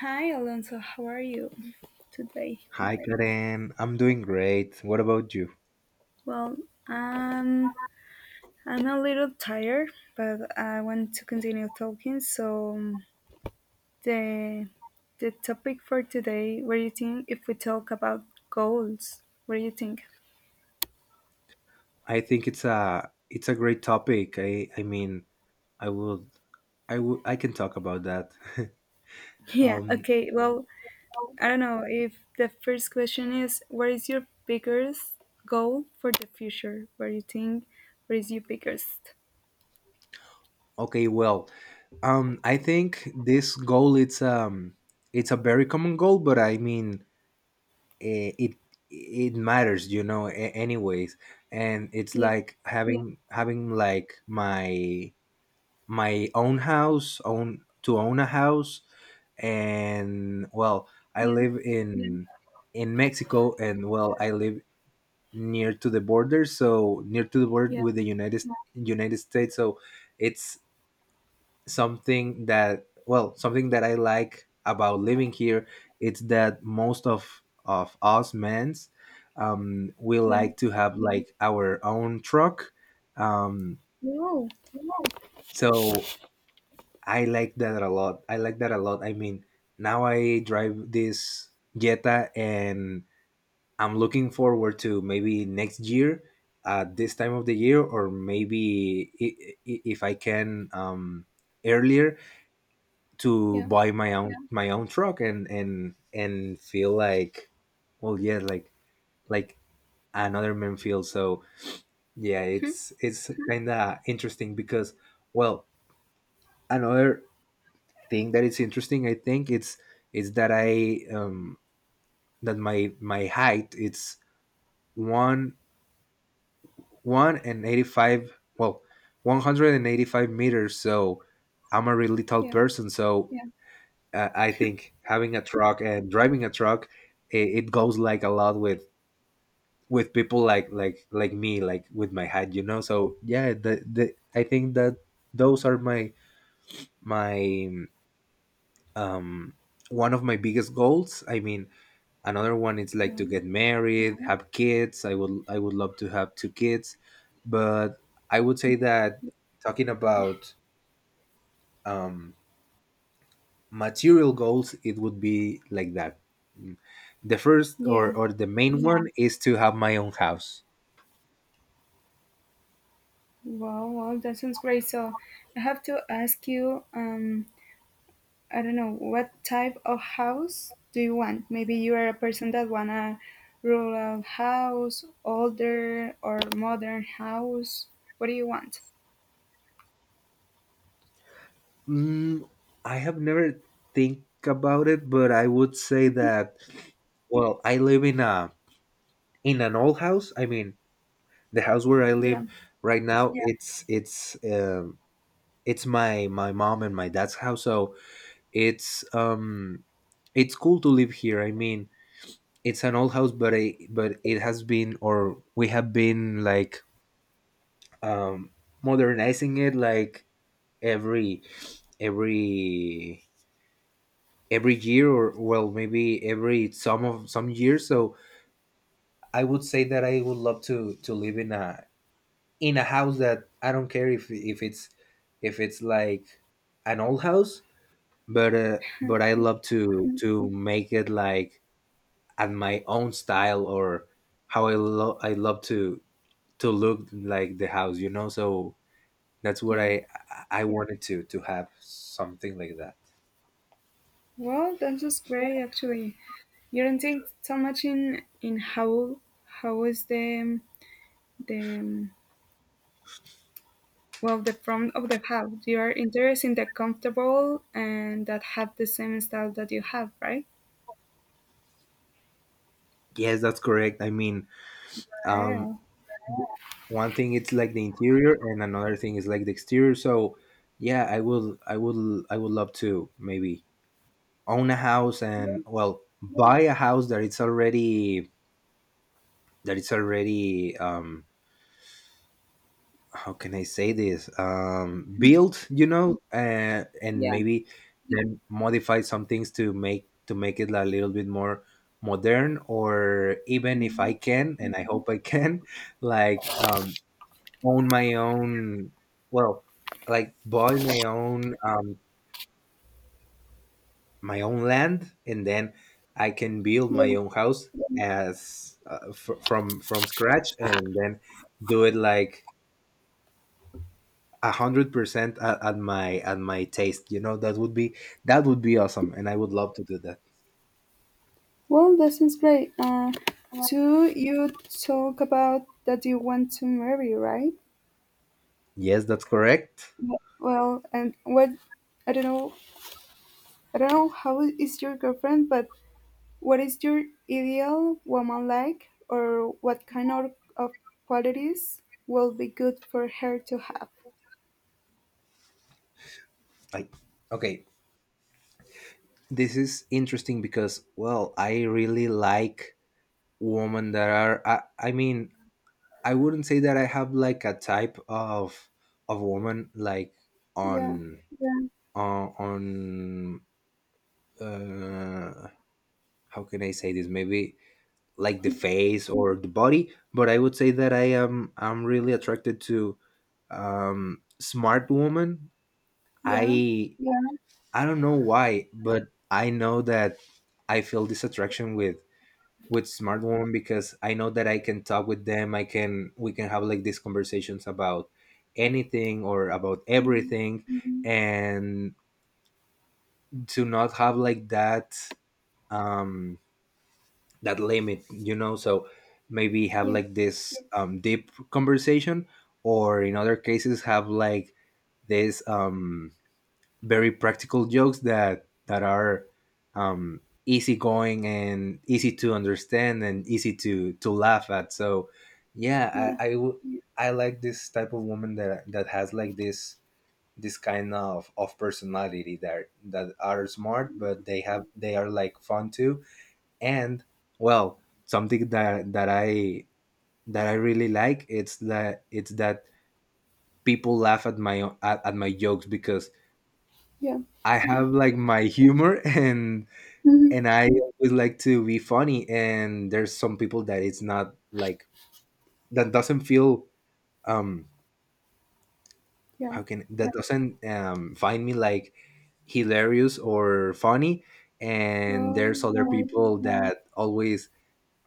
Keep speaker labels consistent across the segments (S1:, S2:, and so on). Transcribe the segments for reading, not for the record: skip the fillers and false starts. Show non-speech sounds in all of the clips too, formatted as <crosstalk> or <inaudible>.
S1: Hi Alonso, how are you today?
S2: Hi Karen, I'm doing great. What about you?
S1: Well, um, I'm a little tired, but I want to continue talking. The the topic for today, what do you think if we talk about goals? What do you think?
S2: I think it's a great topic. I mean, I would I can talk about that.
S1: <laughs>
S2: <laughs>
S1: Yeah,
S2: um
S1: okay. Well, I don't know if the first question is, what is your biggest goal for the future? What do you think? What is your biggest?
S2: okay, well, I think this goal it's a very common goal, but I mean, it matters, you know, anyways. And it's
S1: Yeah,
S2: like having like my own house, own a house. And, well, I
S1: yeah,
S2: live in Mexico, and, well, I live near to the border, so near to the border
S1: yeah,
S2: with the United States. So it's something that, well, something that I like about living here. It's that most of us men's, we
S1: yeah.
S2: like to have like our own truck. Um,
S1: Wow.
S2: so I like that a lot. I like that a lot. I mean, now I drive this Jetta, and I'm looking forward to maybe next year at this time of the year, or maybe, if I can, earlier, to
S1: Yeah,
S2: buy my own, truck, and feel like, well, yeah, like, like another man feels. So yeah, it's kind of interesting, because, well, another thing that is interesting, I think it's that I, that my, height it's one one and 85 well 185 meters, so I'm a really tall
S1: yeah.
S2: person. So I think having a truck and driving a truck, it goes, like, a lot with, people like, me, like with my height, you know. So yeah, the I think that those are my, my um one of my biggest goals. I mean, another one is like to
S1: Wow.
S2: get married, have kids. I would love to have two kids. But I would say that, talking about, um material goals, it would be like that. Mm. The first or,
S1: Yeah.
S2: the main one is to have my own house.
S1: Wow, wow, that sounds great. So I have to ask you, I don't know, what type of house do you want? Maybe you are a person that want a rural house, older or modern house. What do you want?
S2: Mm, I have never think about it, but I would say that, well, I live in a, in an old house. I mean, the house where I live
S1: Yeah.
S2: right now, um it's my, mom and my dad's house. So it's um it's cool to live here. I mean, it's an old house, but it has been, or we have been, like, um modernizing it, like, every every every year, or, well, maybe every, some years. So I would say that I would love to live in a, house that I don't care if it's like an old house. But but I
S1: Y-
S2: love to make it like at my own style, or how I love to look like the house, you know. So that's what
S1: Yeah.
S2: I wanted to have something like that.
S1: Well, that's just great actually. You don't think so much in how how is the well, the front of the house. You are interested in the comfortable and that have the same style that you have, right?
S2: Yes, that's correct. I mean, um,
S1: Yeah.
S2: one thing it's like the interior, and another thing is like the exterior. So yeah, I would love to maybe own a house, and, well, buy a house that it's already, that it's already um how can I say this? Build, you know, and
S1: Yeah,
S2: maybe then modify some things to make it a little bit more modern, or even if I can, and I hope I can, <laughs> like, own my own, well, like buy my own, my own land, and then I can build
S1: yeah.
S2: my own house as from scratch, and then do it like 100% at, at my taste. You know, that would be, awesome, and I would love to do that.
S1: Well, this is great. Too, you talk about that you want to marry, right?
S2: Yes, that's correct.
S1: Yeah. Well, and what? I don't know. I don't know how is your girlfriend, but what is your ideal woman like, or what kind of qualities will be good for her to have?
S2: Like, okay, this is interesting because, well, I really like women that are. I mean, I wouldn't say that I have like a type of woman, like,
S1: Yeah,
S2: on on. Uh, how can I say this? Maybe like the face or the body, but I would say that I'm really attracted to, smart woman.
S1: yeah,
S2: I i don't know why, but I know that I feel this attraction with, smart woman, because I know that I can talk with them. I can We can have, like, these conversations about anything, or about
S1: mm,
S2: everything, and to not have, like, um that limit, you know. So maybe have,
S1: yeah,
S2: like, this, deep conversation, or in other cases, have, like, this, very practical jokes that are, um, easygoing and easy to understand, and easy to laugh at. So yeah,
S1: yeah,
S2: I like this type of woman that has, like, this kind of personality that are smart, but they are, like, fun too. And, well, something that I really like it's that people laugh at my, at my jokes, because
S1: yeah.
S2: I have, like, my humor. <laughs> and
S1: Mhm.
S2: and I always like to be funny. And there's some people that it's not like that, doesn't feel, um
S1: Yeah.
S2: how can, that doesn't, find me, like, hilarious or funny. And there's other
S1: Right.
S2: people that always,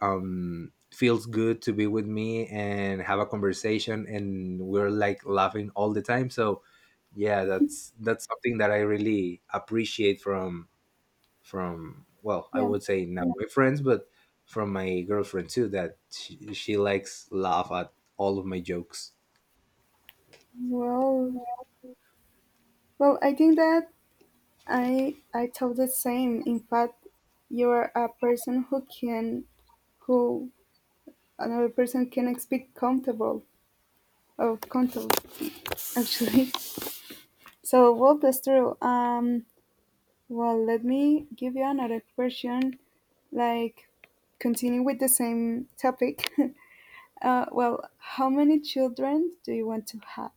S2: feels good to be with me and have a conversation, and we're, like, laughing all the time. So yeah, that's something that I really appreciate from, well, I
S1: Yeah.
S2: would say, not my friends, but from my girlfriend too, that she likes laugh at all of my jokes.
S1: Well, well, I think that I thought the same. In fact, you are a person who can who another person can speak comfortable or comfortable actually. <laughs> So well, that's true. Well, let me give you another question, like continue with the same topic. <laughs> Well, how many children do you want to have?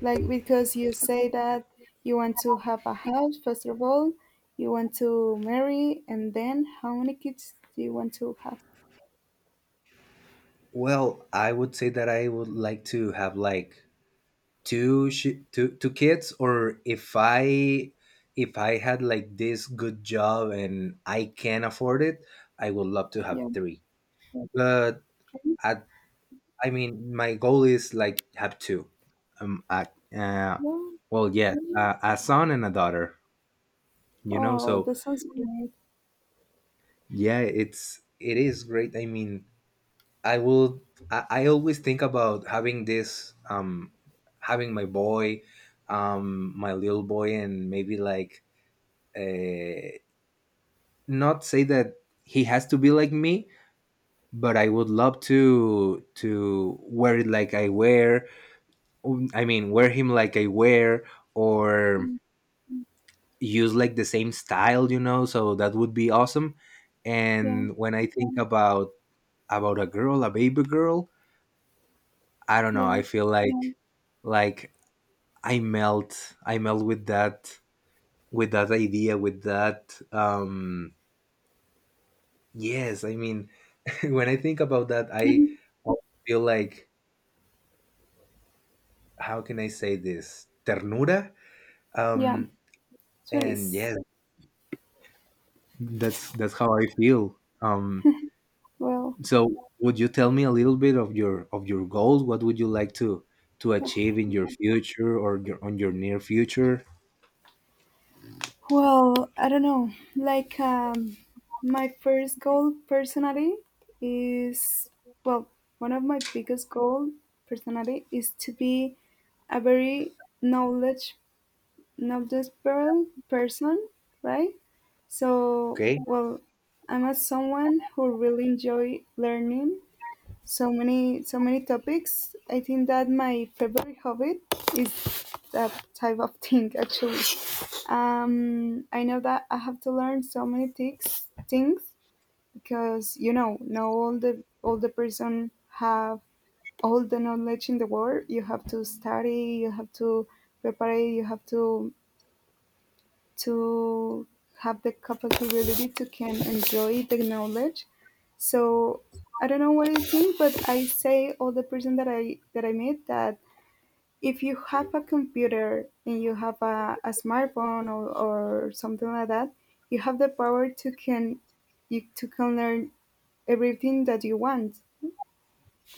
S1: Like, because you say that you want to have a house first of all, you want to marry, and then how many kids do you want to have?
S2: Well, I would say that I would like to have, like, two sh- two two kids, or if I had, like, this good job and I can afford it, I would love to have
S1: Yeah.
S2: three. But i I mean, my goal is, like, have two. um I, uh
S1: Yeah.
S2: well, yeah, a son and a daughter, you know.
S1: Oh,
S2: So
S1: that sounds great.
S2: yeah, it's, it is great. I mean, i will I always think about having this, having my boy, my little boy, and maybe like, uh, not say that he has to be like me, but I would love to wear it like I wear, I mean, wear him like I wear, or
S1: Mm,
S2: use, like, the same style, you know. So that would be awesome.
S1: yeah.
S2: And when I think about a girl, a baby girl, I don't know,
S1: Yeah.
S2: I feel like, like I melt with that, idea, with that, yes, I mean, <laughs> when I think about that, I
S1: Mhm.
S2: feel like, how can I say this? Ternura.
S1: Yeah,
S2: Um, and
S1: sweeties.
S2: yes, that's how I feel.
S1: Well,
S2: So would you tell me a little bit of your, goals? What would you like to achieve in your future, or, on your near future?
S1: Well, I don't know. My first goal personally is, well, one of my biggest goal personally is to be a very knowledge, not desperate person, right? So,
S2: Okay.
S1: well, I'm a someone who really enjoy learning so many topics. I think that my favorite hobby is that type of thing <laughs> actually. I know that I have to learn so many things because, you know, no, all the person have all the knowledge in the world. You have to study, you have to prepare, you have to to have the capability to can enjoy the knowledge. So I don't know what you think, but I say all the person that I meet that if you have a computer and you have a smartphone or something like that, you have the power to can you to can learn everything that you want,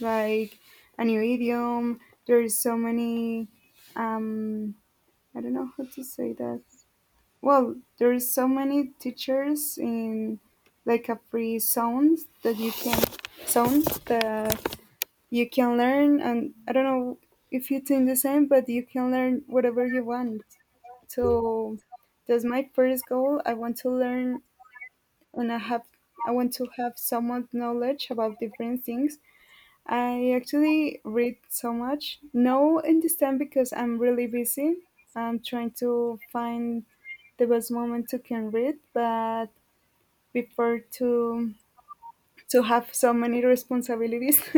S1: like a new idiom. There's so many, um, I don't know how to say that. Well, there's so many teachers in like a free zones that you can zones that you can learn, and I don't know if you think the same, but you can learn whatever you want. So that's my first goal. I want to learn, and I want to have so much knowledge about different things. I actually read so much. No, in this time because I'm really busy. I'm trying to find the best moment to can read, but before to have so many responsibilities. <laughs>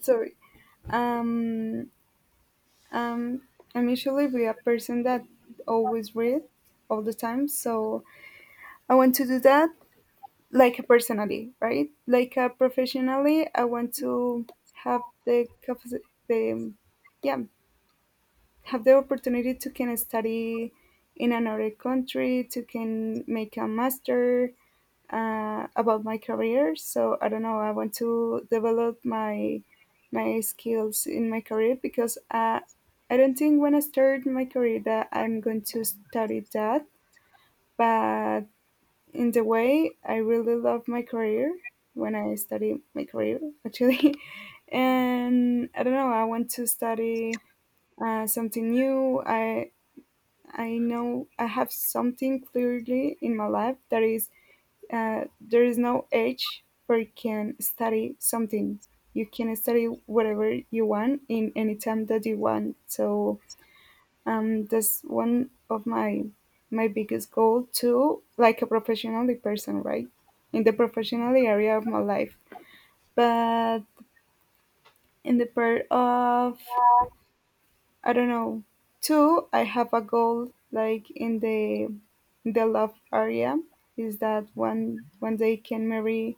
S1: Sorry. Um, um, I'm usually be a person that always read all the time, so I want to do that like personally, right? Like, professionally, I want to have the the yeah have the opportunity to can study in another country, to can make a master, about my career. So I don't know. I want to develop my my skills in my career, because, I don't think when I start my career that I'm going to study that. But in the way, I really love my career when I study my career actually, <laughs> and I don't know. I want to study something new. I know I have something clearly in my life, that is, there is no age where you can study something. You can study whatever you want in any time that you want. So, that's one of my my biggest goal too, like a professionally person, right? In the professionally area of my life, but in the part of I don't know. Two, I have a goal like in the love area, is that one one day can marry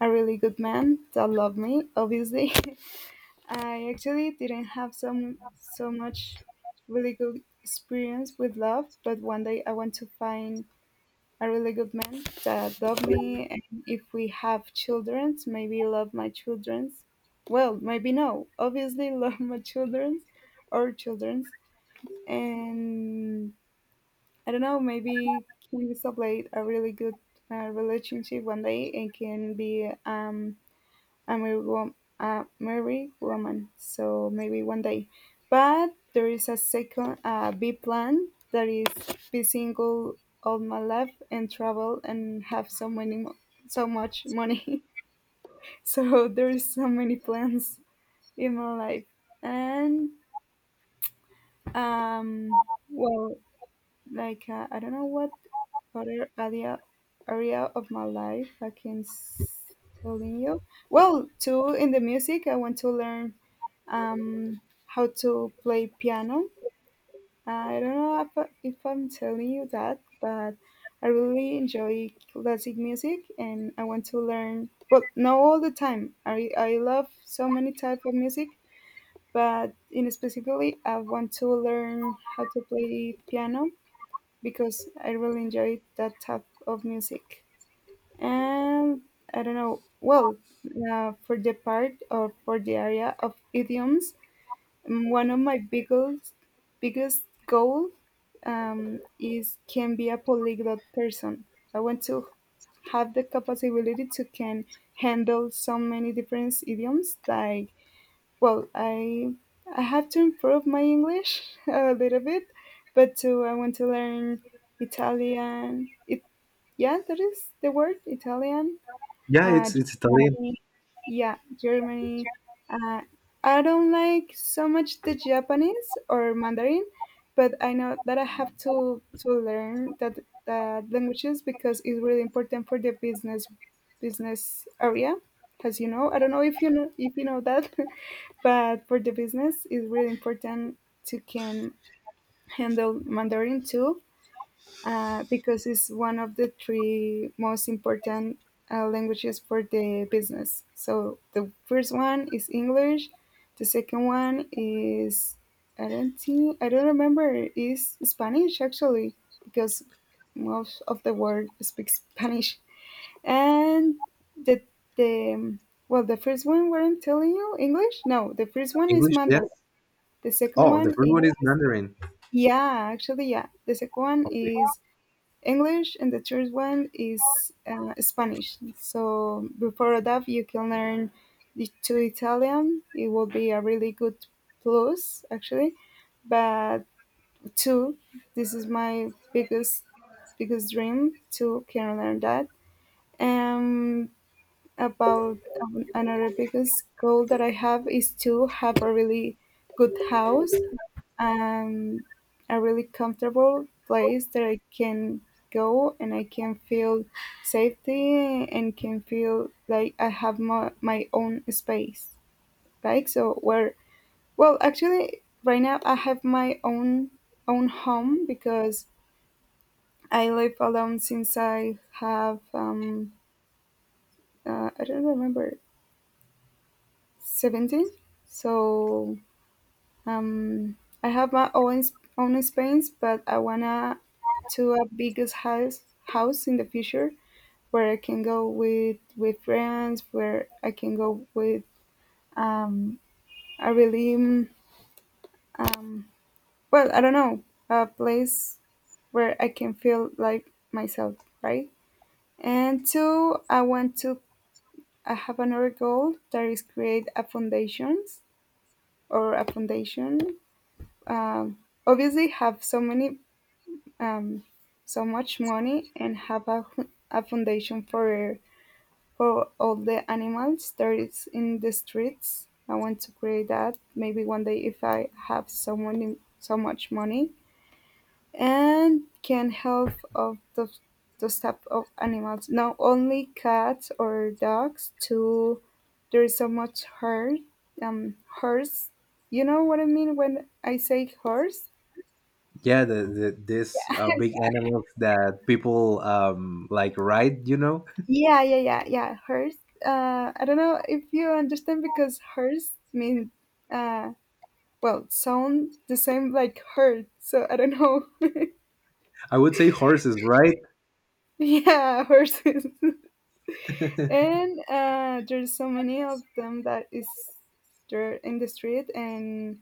S1: a really good man that love me. Obviously, <laughs> I actually didn't have some so much really good experience with love, but one day I want to find a really good man that love me, and if we have children, maybe love my childrens. Well, maybe no. Obviously, <laughs> love my childrens or childrens. And I don't know, maybe can establish a really good, relationship one day, and can be, a married, a married woman. So maybe one day. But there is a second, B plan, that is be single all my life and travel and have so many so much money. <laughs> So there is so many plans in my life, and, um, well, like, I don't know what other area of my life I can telling you. Well, too, in the music, I want to learn, um, how to play piano. I don't know if I'm telling you that, but I really enjoy classic music, and I want to learn. Well, not all the time. I love so many type of music, but in specifically, I want to learn how to play piano, because I really enjoy that type of music. And I don't know, well, for the part or for the area of idioms, mm, one of my biggest goal, is can be a polyglot person. I want to have the capability to can handle so many different idioms like, well, I have to improve my English <laughs> a little bit, but too I want to learn Italian. It, yeah, that is the word Italian.
S2: Yeah,
S1: uh,
S2: it's Italian.
S1: Germany. Yeah, Germany. Uh, I don't like so much the Japanese or Mandarin, but I know that I have to learn that languages, because it's really important for the business area. As you know, I don't know if you know that, <laughs> but for the business, it's really important to can handle Mandarin too, because it's one of the three most important, languages for the business. So the first one is English, the second one is, I don't remember, is Spanish actually, because most of the world speaks <laughs> Spanish. And the the well, the first one, what I'm telling you, English, no, the first one is
S2: English. Yeah.
S1: Mandarin, the second
S2: Oh, the
S1: one
S2: first
S1: is,
S2: one is Mandarin.
S1: yeah, actually, yeah, the second one
S2: Okay.
S1: is English, and the third one is, Spanish. So before that, you can learn the two Italian. It will be a really good plus, actually. But two, this is my biggest dream, to can learn that. Um, about, another biggest goal that I have is to have a really good house, um, a really comfortable place that I can go and I can feel safety, and can feel like I have my, my own space. Like, so where, well, actually right now I have my own own home, because I live alone since I have, um, I don't remember, 17. So, um, I have my own own space, but I wanna to a biggest house in the future, where I can go with friends, where I can go with, um, a really, um, well, I don't know, a place where I can feel like myself, right? And two, I want to, I have another goal, that is create a foundations or a foundation. Um, obviously, have so many, um, so much money, and have a, a foundation for all the animals there is in the streets. I want to create that maybe one day if I have so much money, and can help of the those type of animals. Not only cats or dogs. To, there is so much hurt, um, horse. You know what I mean when I say horse?
S2: Yeah, the, this, big animals that people, like, ride, you know.
S1: Yeah, yeah, yeah, yeah. Hers. I don't know if you understand because hers means, uh, well, sound the same like hurt. So I don't know. <laughs>
S2: I would say horses, right?
S1: Yeah, horses. <laughs>
S2: <laughs>
S1: And, there's so many of them that is there in the street and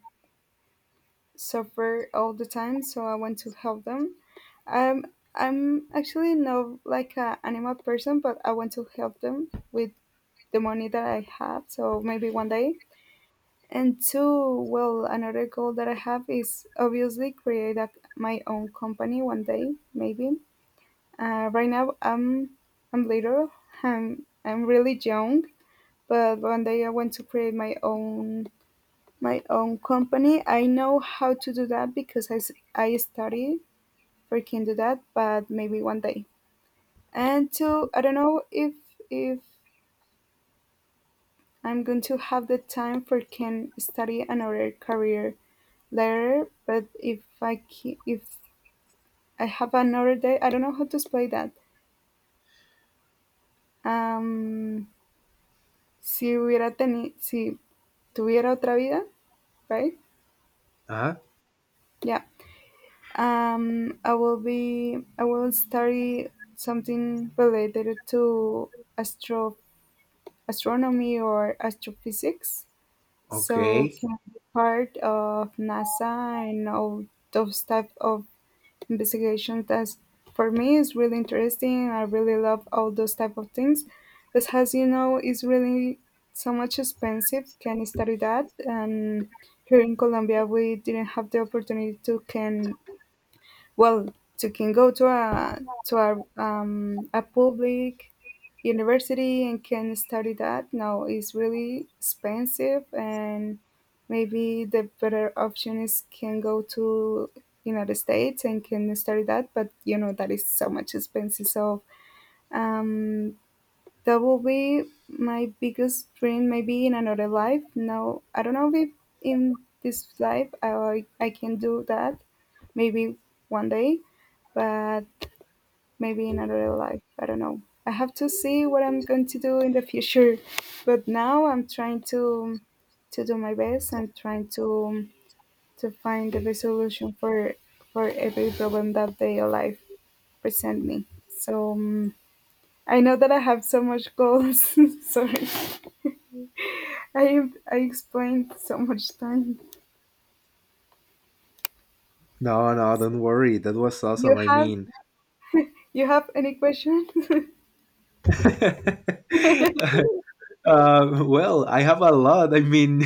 S1: suffer all the time. So I want to help them. I'm I'm actually not like an animal person, but I want to help them with the money that I have. So maybe one day. And two, well, another goal that I have is obviously create my own company one day, maybe. Right now, I'm little. I'm really young, but one day I want to create my own company. I know how to do that because I study for can do that, but maybe one day. And two, I don't know if I'm going to have the time for can study another career there, but if I ki- if I have another day, I don't know how to explain that. Um, si hubiera tenido, si tuviera otra vida, right?
S2: Huh?
S1: Yeah. I will be, I will study something related to astro astronomy or astrophysics. So
S2: Okay.
S1: can be part of NASA and all those type of investigation that's for me is really interesting. I really love all those type of things. But as you know, it's really so much expensive. Can study that? And here in Colombia, we didn't have the opportunity to can well, you can go to a a public university and can study that. Now it's really expensive, and maybe the better option is can go to United States and can study that. But you know that is so much expensive. So um, that will be my biggest dream maybe in another life. No, I don't know if in this life I can do that, maybe one day, but maybe in another life. I don't know, I have to see what I'm going to do in the future, but now I'm trying to do my best and trying to find the resolution for every problem that they life present me. So I know that I have so much goals <laughs> sorry I explained so much time.
S2: No, no,
S1: So
S2: don't worry. That was
S1: you
S2: awesome. I
S1: have
S2: mean,
S1: you have any question? <laughs>
S2: <laughs> well, I have a lot. I mean,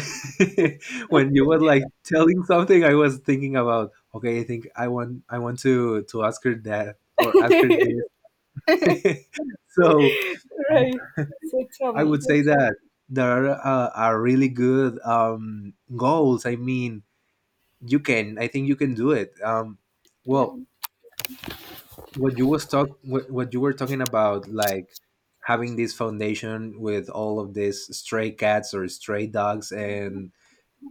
S2: <laughs> when you were, like, telling something, I was thinking about. Okay, I think I want, I want to ask her that, or ask her this. <laughs> So
S1: Right. So tell
S2: I would
S1: me.
S2: say that there are really good, goals. I mean, you can. I think you can do it.
S1: Yeah,
S2: Well, what you were talking about, like, having this foundation with all of these stray cats or stray dogs, and,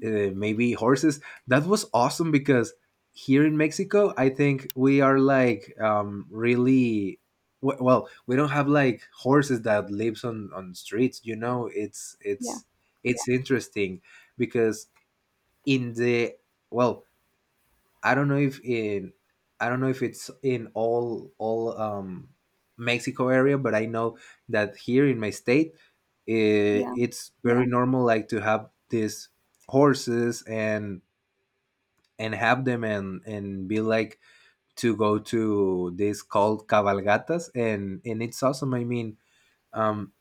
S2: maybe horses, that was awesome. Because here in Mexico, I think we are, like, really, well, we don't have, like, horses that lives on streets, you know. It's
S1: yeah,
S2: It's interesting, because in the, well, I don't know if in, I don't know if it's in all, Mexico area, but I know that here in my state,
S1: yeah,
S2: it's, yeah, very normal, like, to have these horses, and have them, and be like to go to this called cabalgatas, and it's awesome. I mean, um,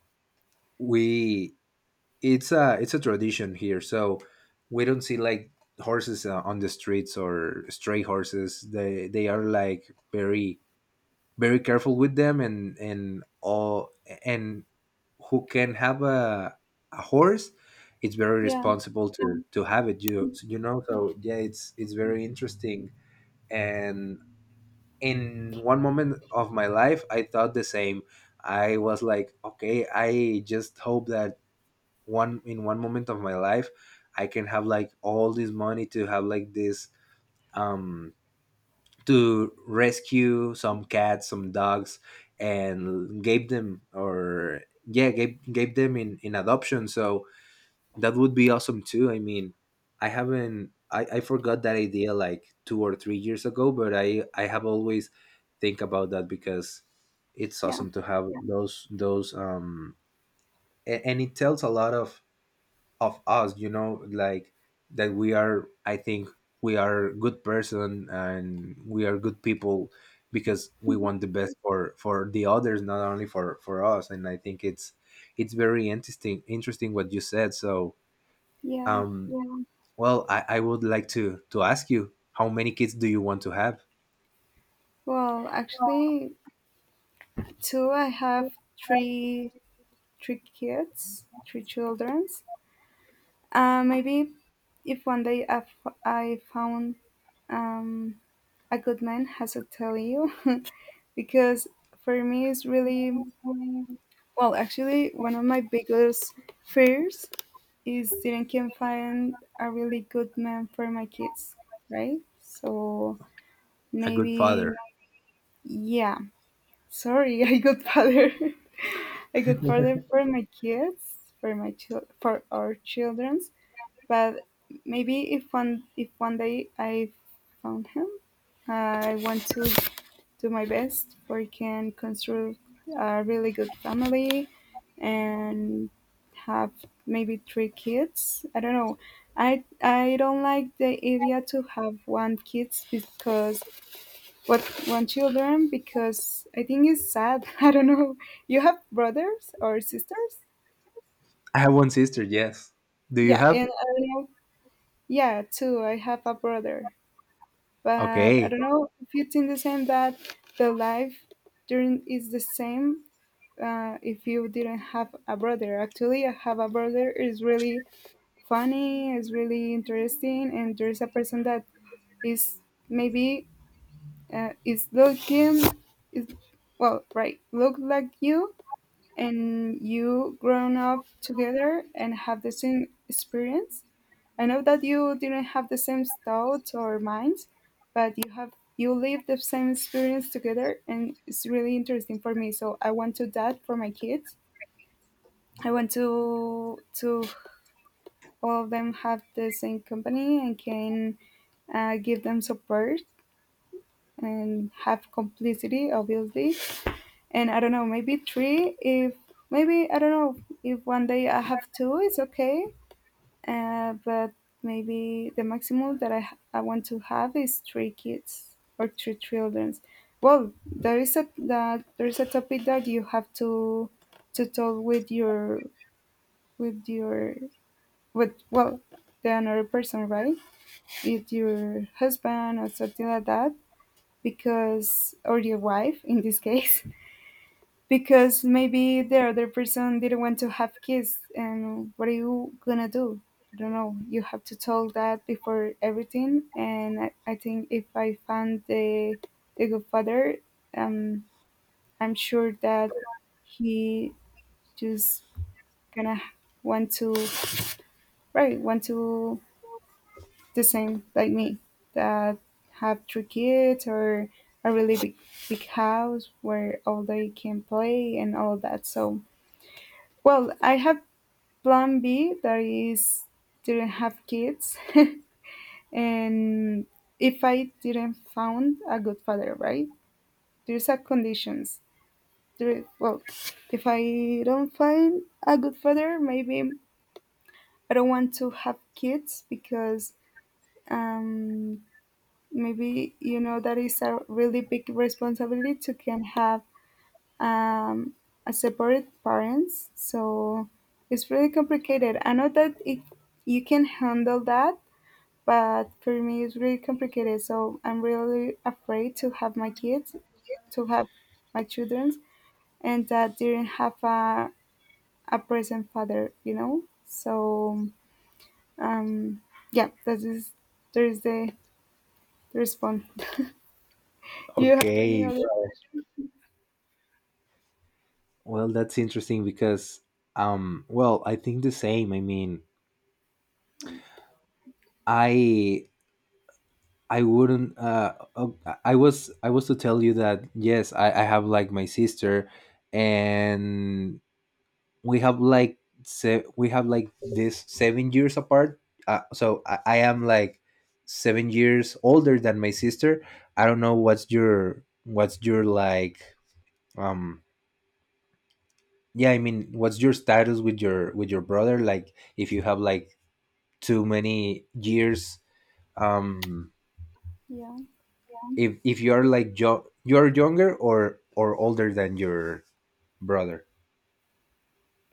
S2: we it's a tradition here, so we don't see like horses on the streets or stray horses. They are like very very careful with them, and all and who can have a horse. It's very
S1: yeah,
S2: responsible to have it, you know, so yeah, it's very interesting. And in one moment of my life, I thought the same. I was like, okay, I just hope that one in one moment of my life I can have like all this money to have like this um to rescue some cats, some dogs, and gave them, or yeah, gave them in adoption. So that would be awesome too. I mean, I haven't I forgot that idea like 2 or 3 years ago, but I have always think about that because it's
S1: yeah,
S2: awesome to have those. And it tells a lot of us, you know, like that we are, I think, we are good person and we are good people because we want the best for the others, not only for us. And I think it's very interesting interesting what you said. So
S1: yeah.
S2: um well, I would like to ask you, how many kids do you want to have?
S1: Well, actually, two. I have three three kids, three childrens. Maybe if one day I found um, a good man, as I tell you, <laughs> because for me it's really well, actually, one of my biggest fears is that I can find a really good man for my kids, right? So
S2: A good father.
S1: maybe, yeah. Sorry, <laughs> I got father. <laughs> I got father for my kids, for for our childrens. But maybe if one day I found him, I want to do my best for can construct a really good family and have maybe three kids. I don't know. I don't like the idea to have one kids because what one children because I think it's sad. <laughs> I don't know. You have brothers or sisters?
S2: I have one sister, yes. Do you
S1: Yeah,
S2: have
S1: and I don't know. Yeah, too. I have a brother, but I
S2: okay?
S1: don't know if you think the same that the life during is the same if you didn't have a brother. Actually, I have a brother. It's really funny. It's really interesting, and there's a person that is maybe is looking is well right look like you, and you grown up together and have the same experience. I know that you didn't have the same thoughts or minds, but you have you live the same experience together and it's really interesting for me, so I want to do that for my kids. I want to all of them have the same company and can give them support and have complicity, obviously. And I don't know, maybe three. If maybe I don't know if one day I have two, it's okay. But maybe the maximum that I want to have is three kids or three children. Well, there is a that there is a topic that you have to talk with your But, well, the another person, right? If your husband or something like that, because, or your wife in this case, <laughs> because maybe the other person didn't want to have kids. And what are you gonna do? I don't know. You have to tell that before everything. And I think if I found the good father, um, I'm sure that he just gonna want to, right, want to the same like me that have three kids or a really big big house where all they can play and all that. So well, I have plan B that is didn't have kids <laughs> and if I didn't found a good father, right? There's a conditions. There, well, if I don't find a good father, maybe I don't want to have kids because um, maybe you know that is a really big responsibility to can have um, a separate parents. So it's really complicated. I know that if you can handle that, but for me it's really complicated, so I'm really afraid to have my kids, to have my children, and that didn't have a present father, you know. So um yeah, that is there is the response <laughs> do you have any
S2: Okay,
S1: other
S2: well, well, that's interesting because well, I think the same. I mean, I I wouldn't I was to tell you that yes, I have like my sister, and we have like we have like this 7 years apart. So I am like 7 years older than my sister. I don't know what's your like um yeah, I mean, what's your status with your brother, like if you have like too many years. um
S1: yeah.
S2: if you're like you're younger or older than your brother.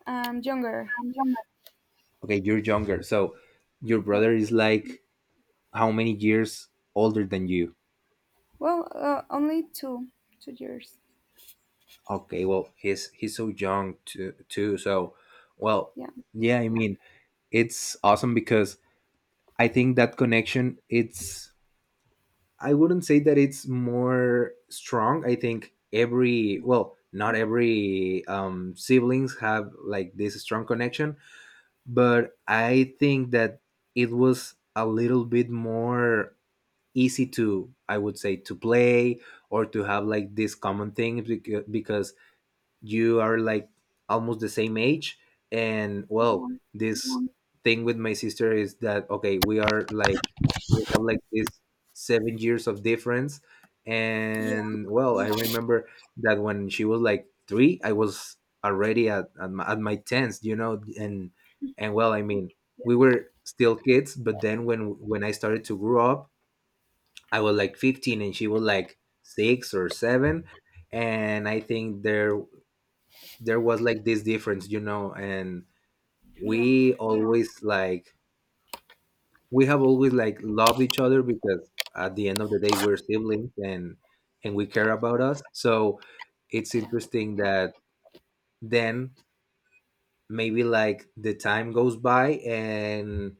S1: Younger.
S2: Okay, you're younger. So your
S1: Yeah.
S2: brother is like how many years older than you?
S1: Well, only two, 2 years.
S2: Okay, well, he's so young too too. So well,
S1: Yeah.
S2: yeah, I mean, it's awesome because I think that connection, it's, I wouldn't say that it's more strong. I think every, well, not every siblings have like this strong connection, but I think that it was a little bit more easy to, I would say, to play or to have like this common thing because you are like almost the same age. And well,
S1: Mhm.
S2: this thing with my sister is that, okay, we are like, we have like this 7 years of difference.
S1: Yeah.
S2: And well, I remember that when she was like three, I was already at my tens, you know. And well, I mean, we were still kids, but then when I started to grow up, I was like 15 and she was like six or seven. And I think there there was like this difference, you know. And
S1: Yeah.
S2: we always like, we have always like loved each other because at the end of the day, we're siblings, and we care about us. So it's interesting that then maybe like the time goes by, and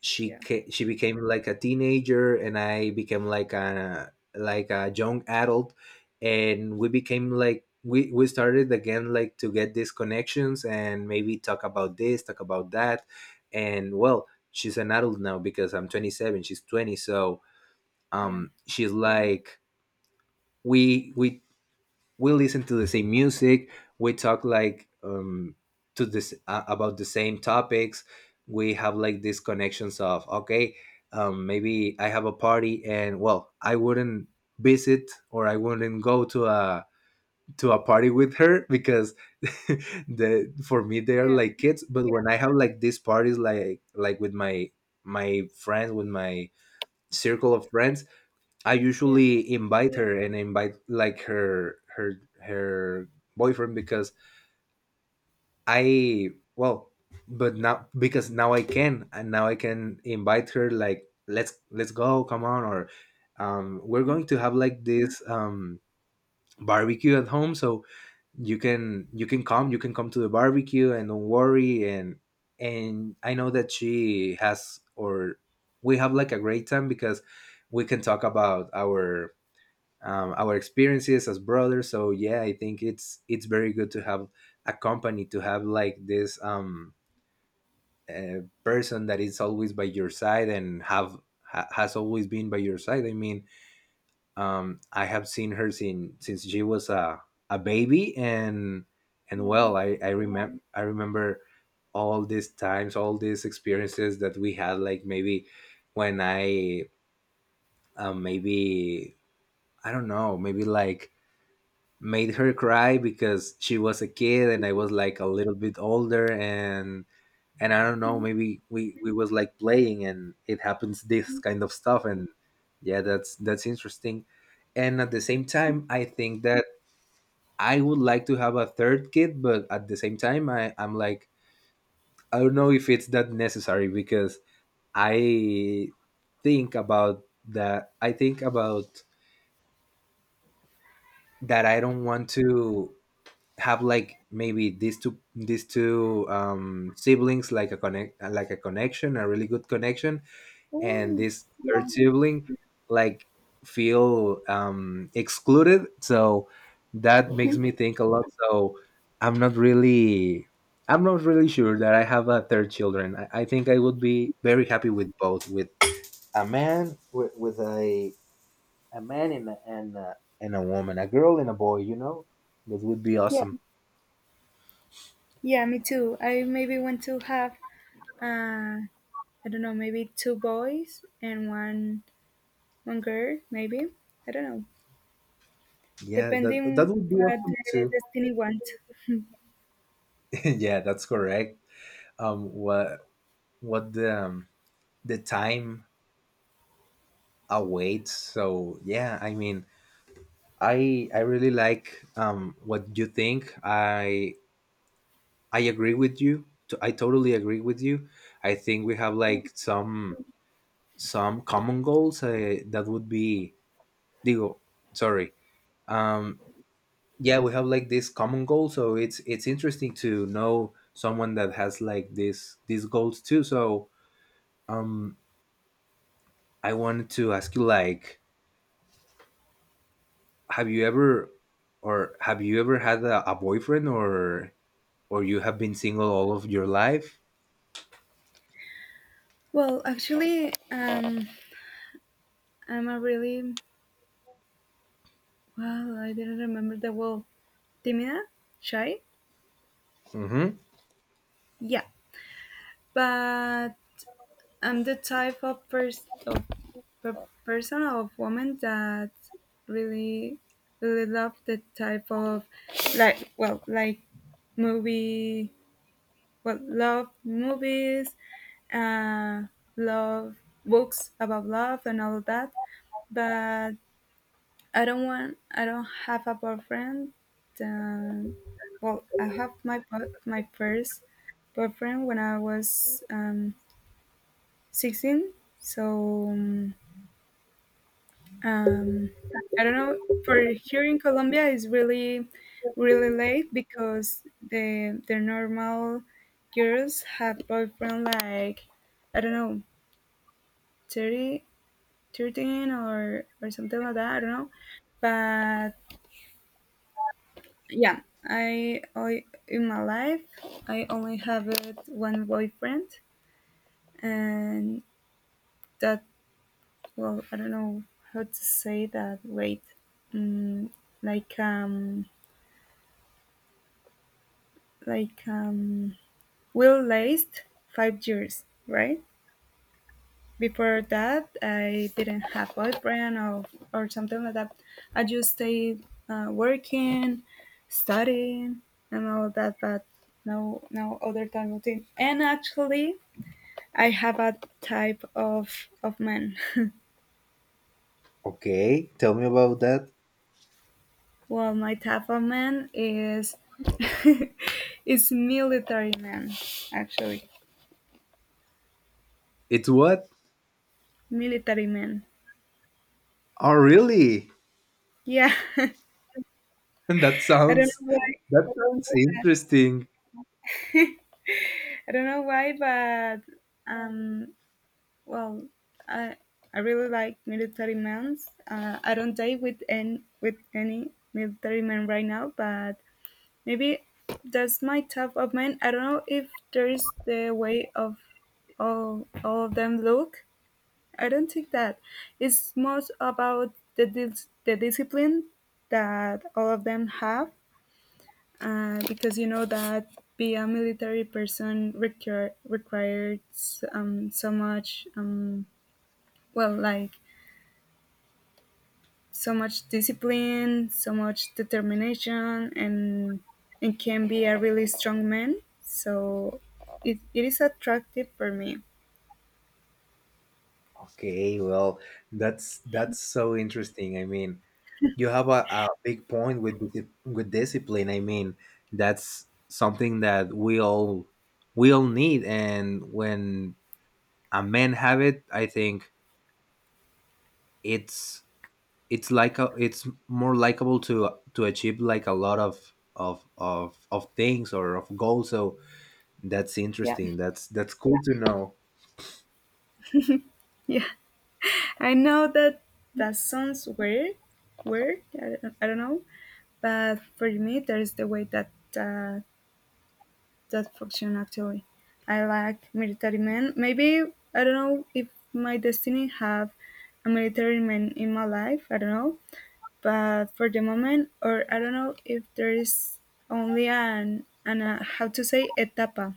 S1: Yeah.
S2: she became like a teenager, and I became like a young adult. And we became like we started again like to get these connections and maybe talk about this, talk about that. And well, she's an adult now because I'm 27, she's 20. So
S1: Yeah.
S2: she's like we we we listen to the same music. We talk like to this about the same topics. We have like these connections of, okay, maybe I have a party, and well, I wouldn't visit, or I wouldn't go to a party with her because <laughs> the for me they are
S1: Yeah.
S2: like kids. But when I have like these parties like with my my friends, with my circle of friends, I
S1: Yeah.
S2: usually invite her and invite like her her boyfriend because I well, but now because now I can, and now I can invite her like, let's go, come on. Or we're
S1: Mm,
S2: going to have like this barbecue at home. So you can come, you can come to the barbecue and don't worry. And I know that she has, or we have like a great time because we can talk about our experiences as brothers. So yeah, I think it's very good to have a company, to have like this person that is always by your side and have has always been by your side. I mean, I have seen her since she was a baby. And well,
S1: yeah.
S2: I remember all these times, all these experiences that we had. Like maybe when I maybe I don't know, maybe like made her cry because she was a kid and I was like a little bit older. And I don't know,
S1: Mm.
S2: maybe we was like playing and it happens this kind of stuff. And yeah, that's interesting. And at the same time, I think that I would like to have a third kid, but at the same time, I I'm like, I don't know if it's that necessary because I think about that I think about that I don't want to have like maybe these two siblings like a connection, a really good connection. And
S1: Oh.
S2: this third
S1: Yeah.
S2: sibling like feel excluded. So that makes me think a lot. So I'm not really I'm not really sure that I have a third children. I think I would be very happy with both, with a man, with a man and a and a woman, a girl and a boy, you know. That would be
S1: Yeah.
S2: awesome.
S1: Yeah. Me too. I maybe want to have. Uh, I don't know. Maybe two boys and one girl. Maybe I don't know.
S2: Yeah, that that
S1: Depending
S2: would be
S1: what
S2: awesome
S1: the
S2: too.
S1: destiny wants.
S2: <laughs> Yeah, that's correct. Um, what what the time awaits? So yeah, I mean, I really like what you think. I agree with you. I totally agree with you. I think we have
S1: Yeah.
S2: like some common goals. That would be digo. Sorry. Um, yeah, we have like this common goal. So it's interesting to know someone that has like this these goals too. So um I wanted to ask you, like, have you ever, or have you ever had a boyfriend, or you have been single all of your life?
S1: Well, actually, I'm a really well. I didn't remember the word. Timida, shy.
S2: Mm-hmm.
S1: Yeah, but I'm the type of person of woman that really really love the type of like well like movie well love movies, uh, love books about love and all that. But I don't have a boyfriend. Um, well, I have my bo- my first boyfriend when I was 16, so um, I don't know, for here in Colombia it's really really late because the normal girls have boyfriend like I don't know, 30 13 or something like that. I don't know, but yeah, I in my life I only have it one boyfriend, and that well, I don't know how to say that. Wait, mm, like um, like um, will last 5 years, right? Before that, I didn't have boyfriend or something like that. I just stayed working, studying, and all that. But no, no other type of thing. And actually, I have a type of man. <laughs>
S2: Okay, tell me about that.
S1: Well, my type man is <laughs> is military man, actually.
S2: It's what?
S1: Military man.
S2: Oh really?
S1: Yeah. <laughs>
S2: <laughs> That
S1: I don't
S2: sounds,
S1: know why.
S2: that sounds interesting.
S1: I don't know why, but um, well, I I really like military men. I don't date with any military men right now, but maybe that's my type of man. I don't know if there is the way of all of them look, I don't think that it's most about the discipline that all of them have, because you know that be a military person requires so much well like so much discipline, so much determination, and can be a really strong man. So it is attractive for me.
S2: Okay, well, that's so interesting. I mean, you have a big point with with discipline. I mean, that's something that we all need. And when a man have it, I think it's it's like it's more likable to achieve like a lot of things or of goals. So that's
S1: Yeah. <laughs>
S2: interesting. That's cool to know.
S1: Yeah. I know that that sounds weird, weird. I don't know, but for me, there is the way that uh, that function actually. I like military men. Maybe I don't know if my destiny have a military man in my life. I don't know, but for the moment, or I don't know if there is only an how to say etapa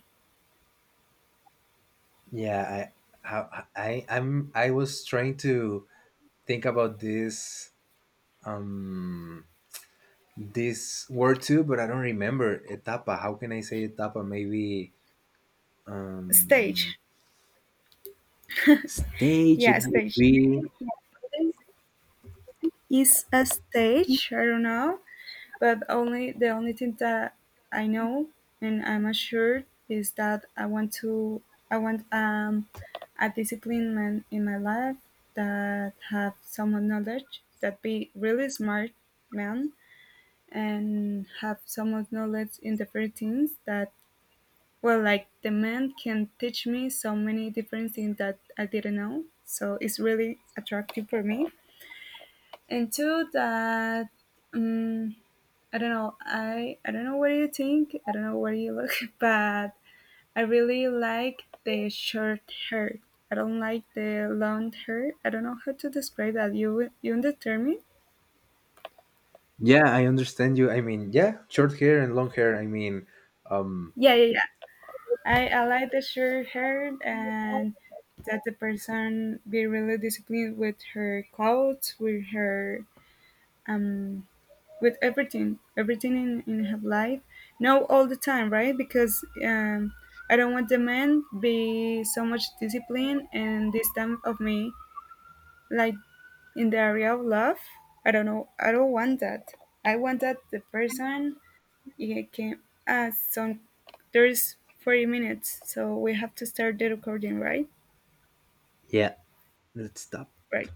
S2: Yeah, I was trying to think about this um this word too, but I don't remember etapa. How can I say etapa? Maybe um,
S1: stage.
S2: stage. It
S1: Yeah,
S2: would
S1: stage.
S2: be.
S1: Is a stage. I don't know, but only the only thing that I know and I'm assured is that I want a discipline man in my life that have some knowledge, that be really smart man and have someone knowledge in different things, that well like the man can teach me so many different things that I didn't know, so it's really attractive for me. And two that um, I don't know. I don't know what you think. I don't know what you look, <laughs> but I really like the short hair. I don't like the long hair. I don't know how to describe that. You understand me?
S2: Yeah, I understand you. I mean, yeah, short hair and long hair. I mean, um,
S1: Yeah, yeah, yeah. I like the short hair and that the person be really disciplined with her clothes, with her um with everything, everything in her life. No, all the time, right? Because I don't want the man be so much discipline and this time of me, like in the area of love. I don't know. I don't want that. I want that the person it can ask some. There's 40 minutes, so we have to start the recording, right?
S2: yeah. Let's stop.
S1: Right.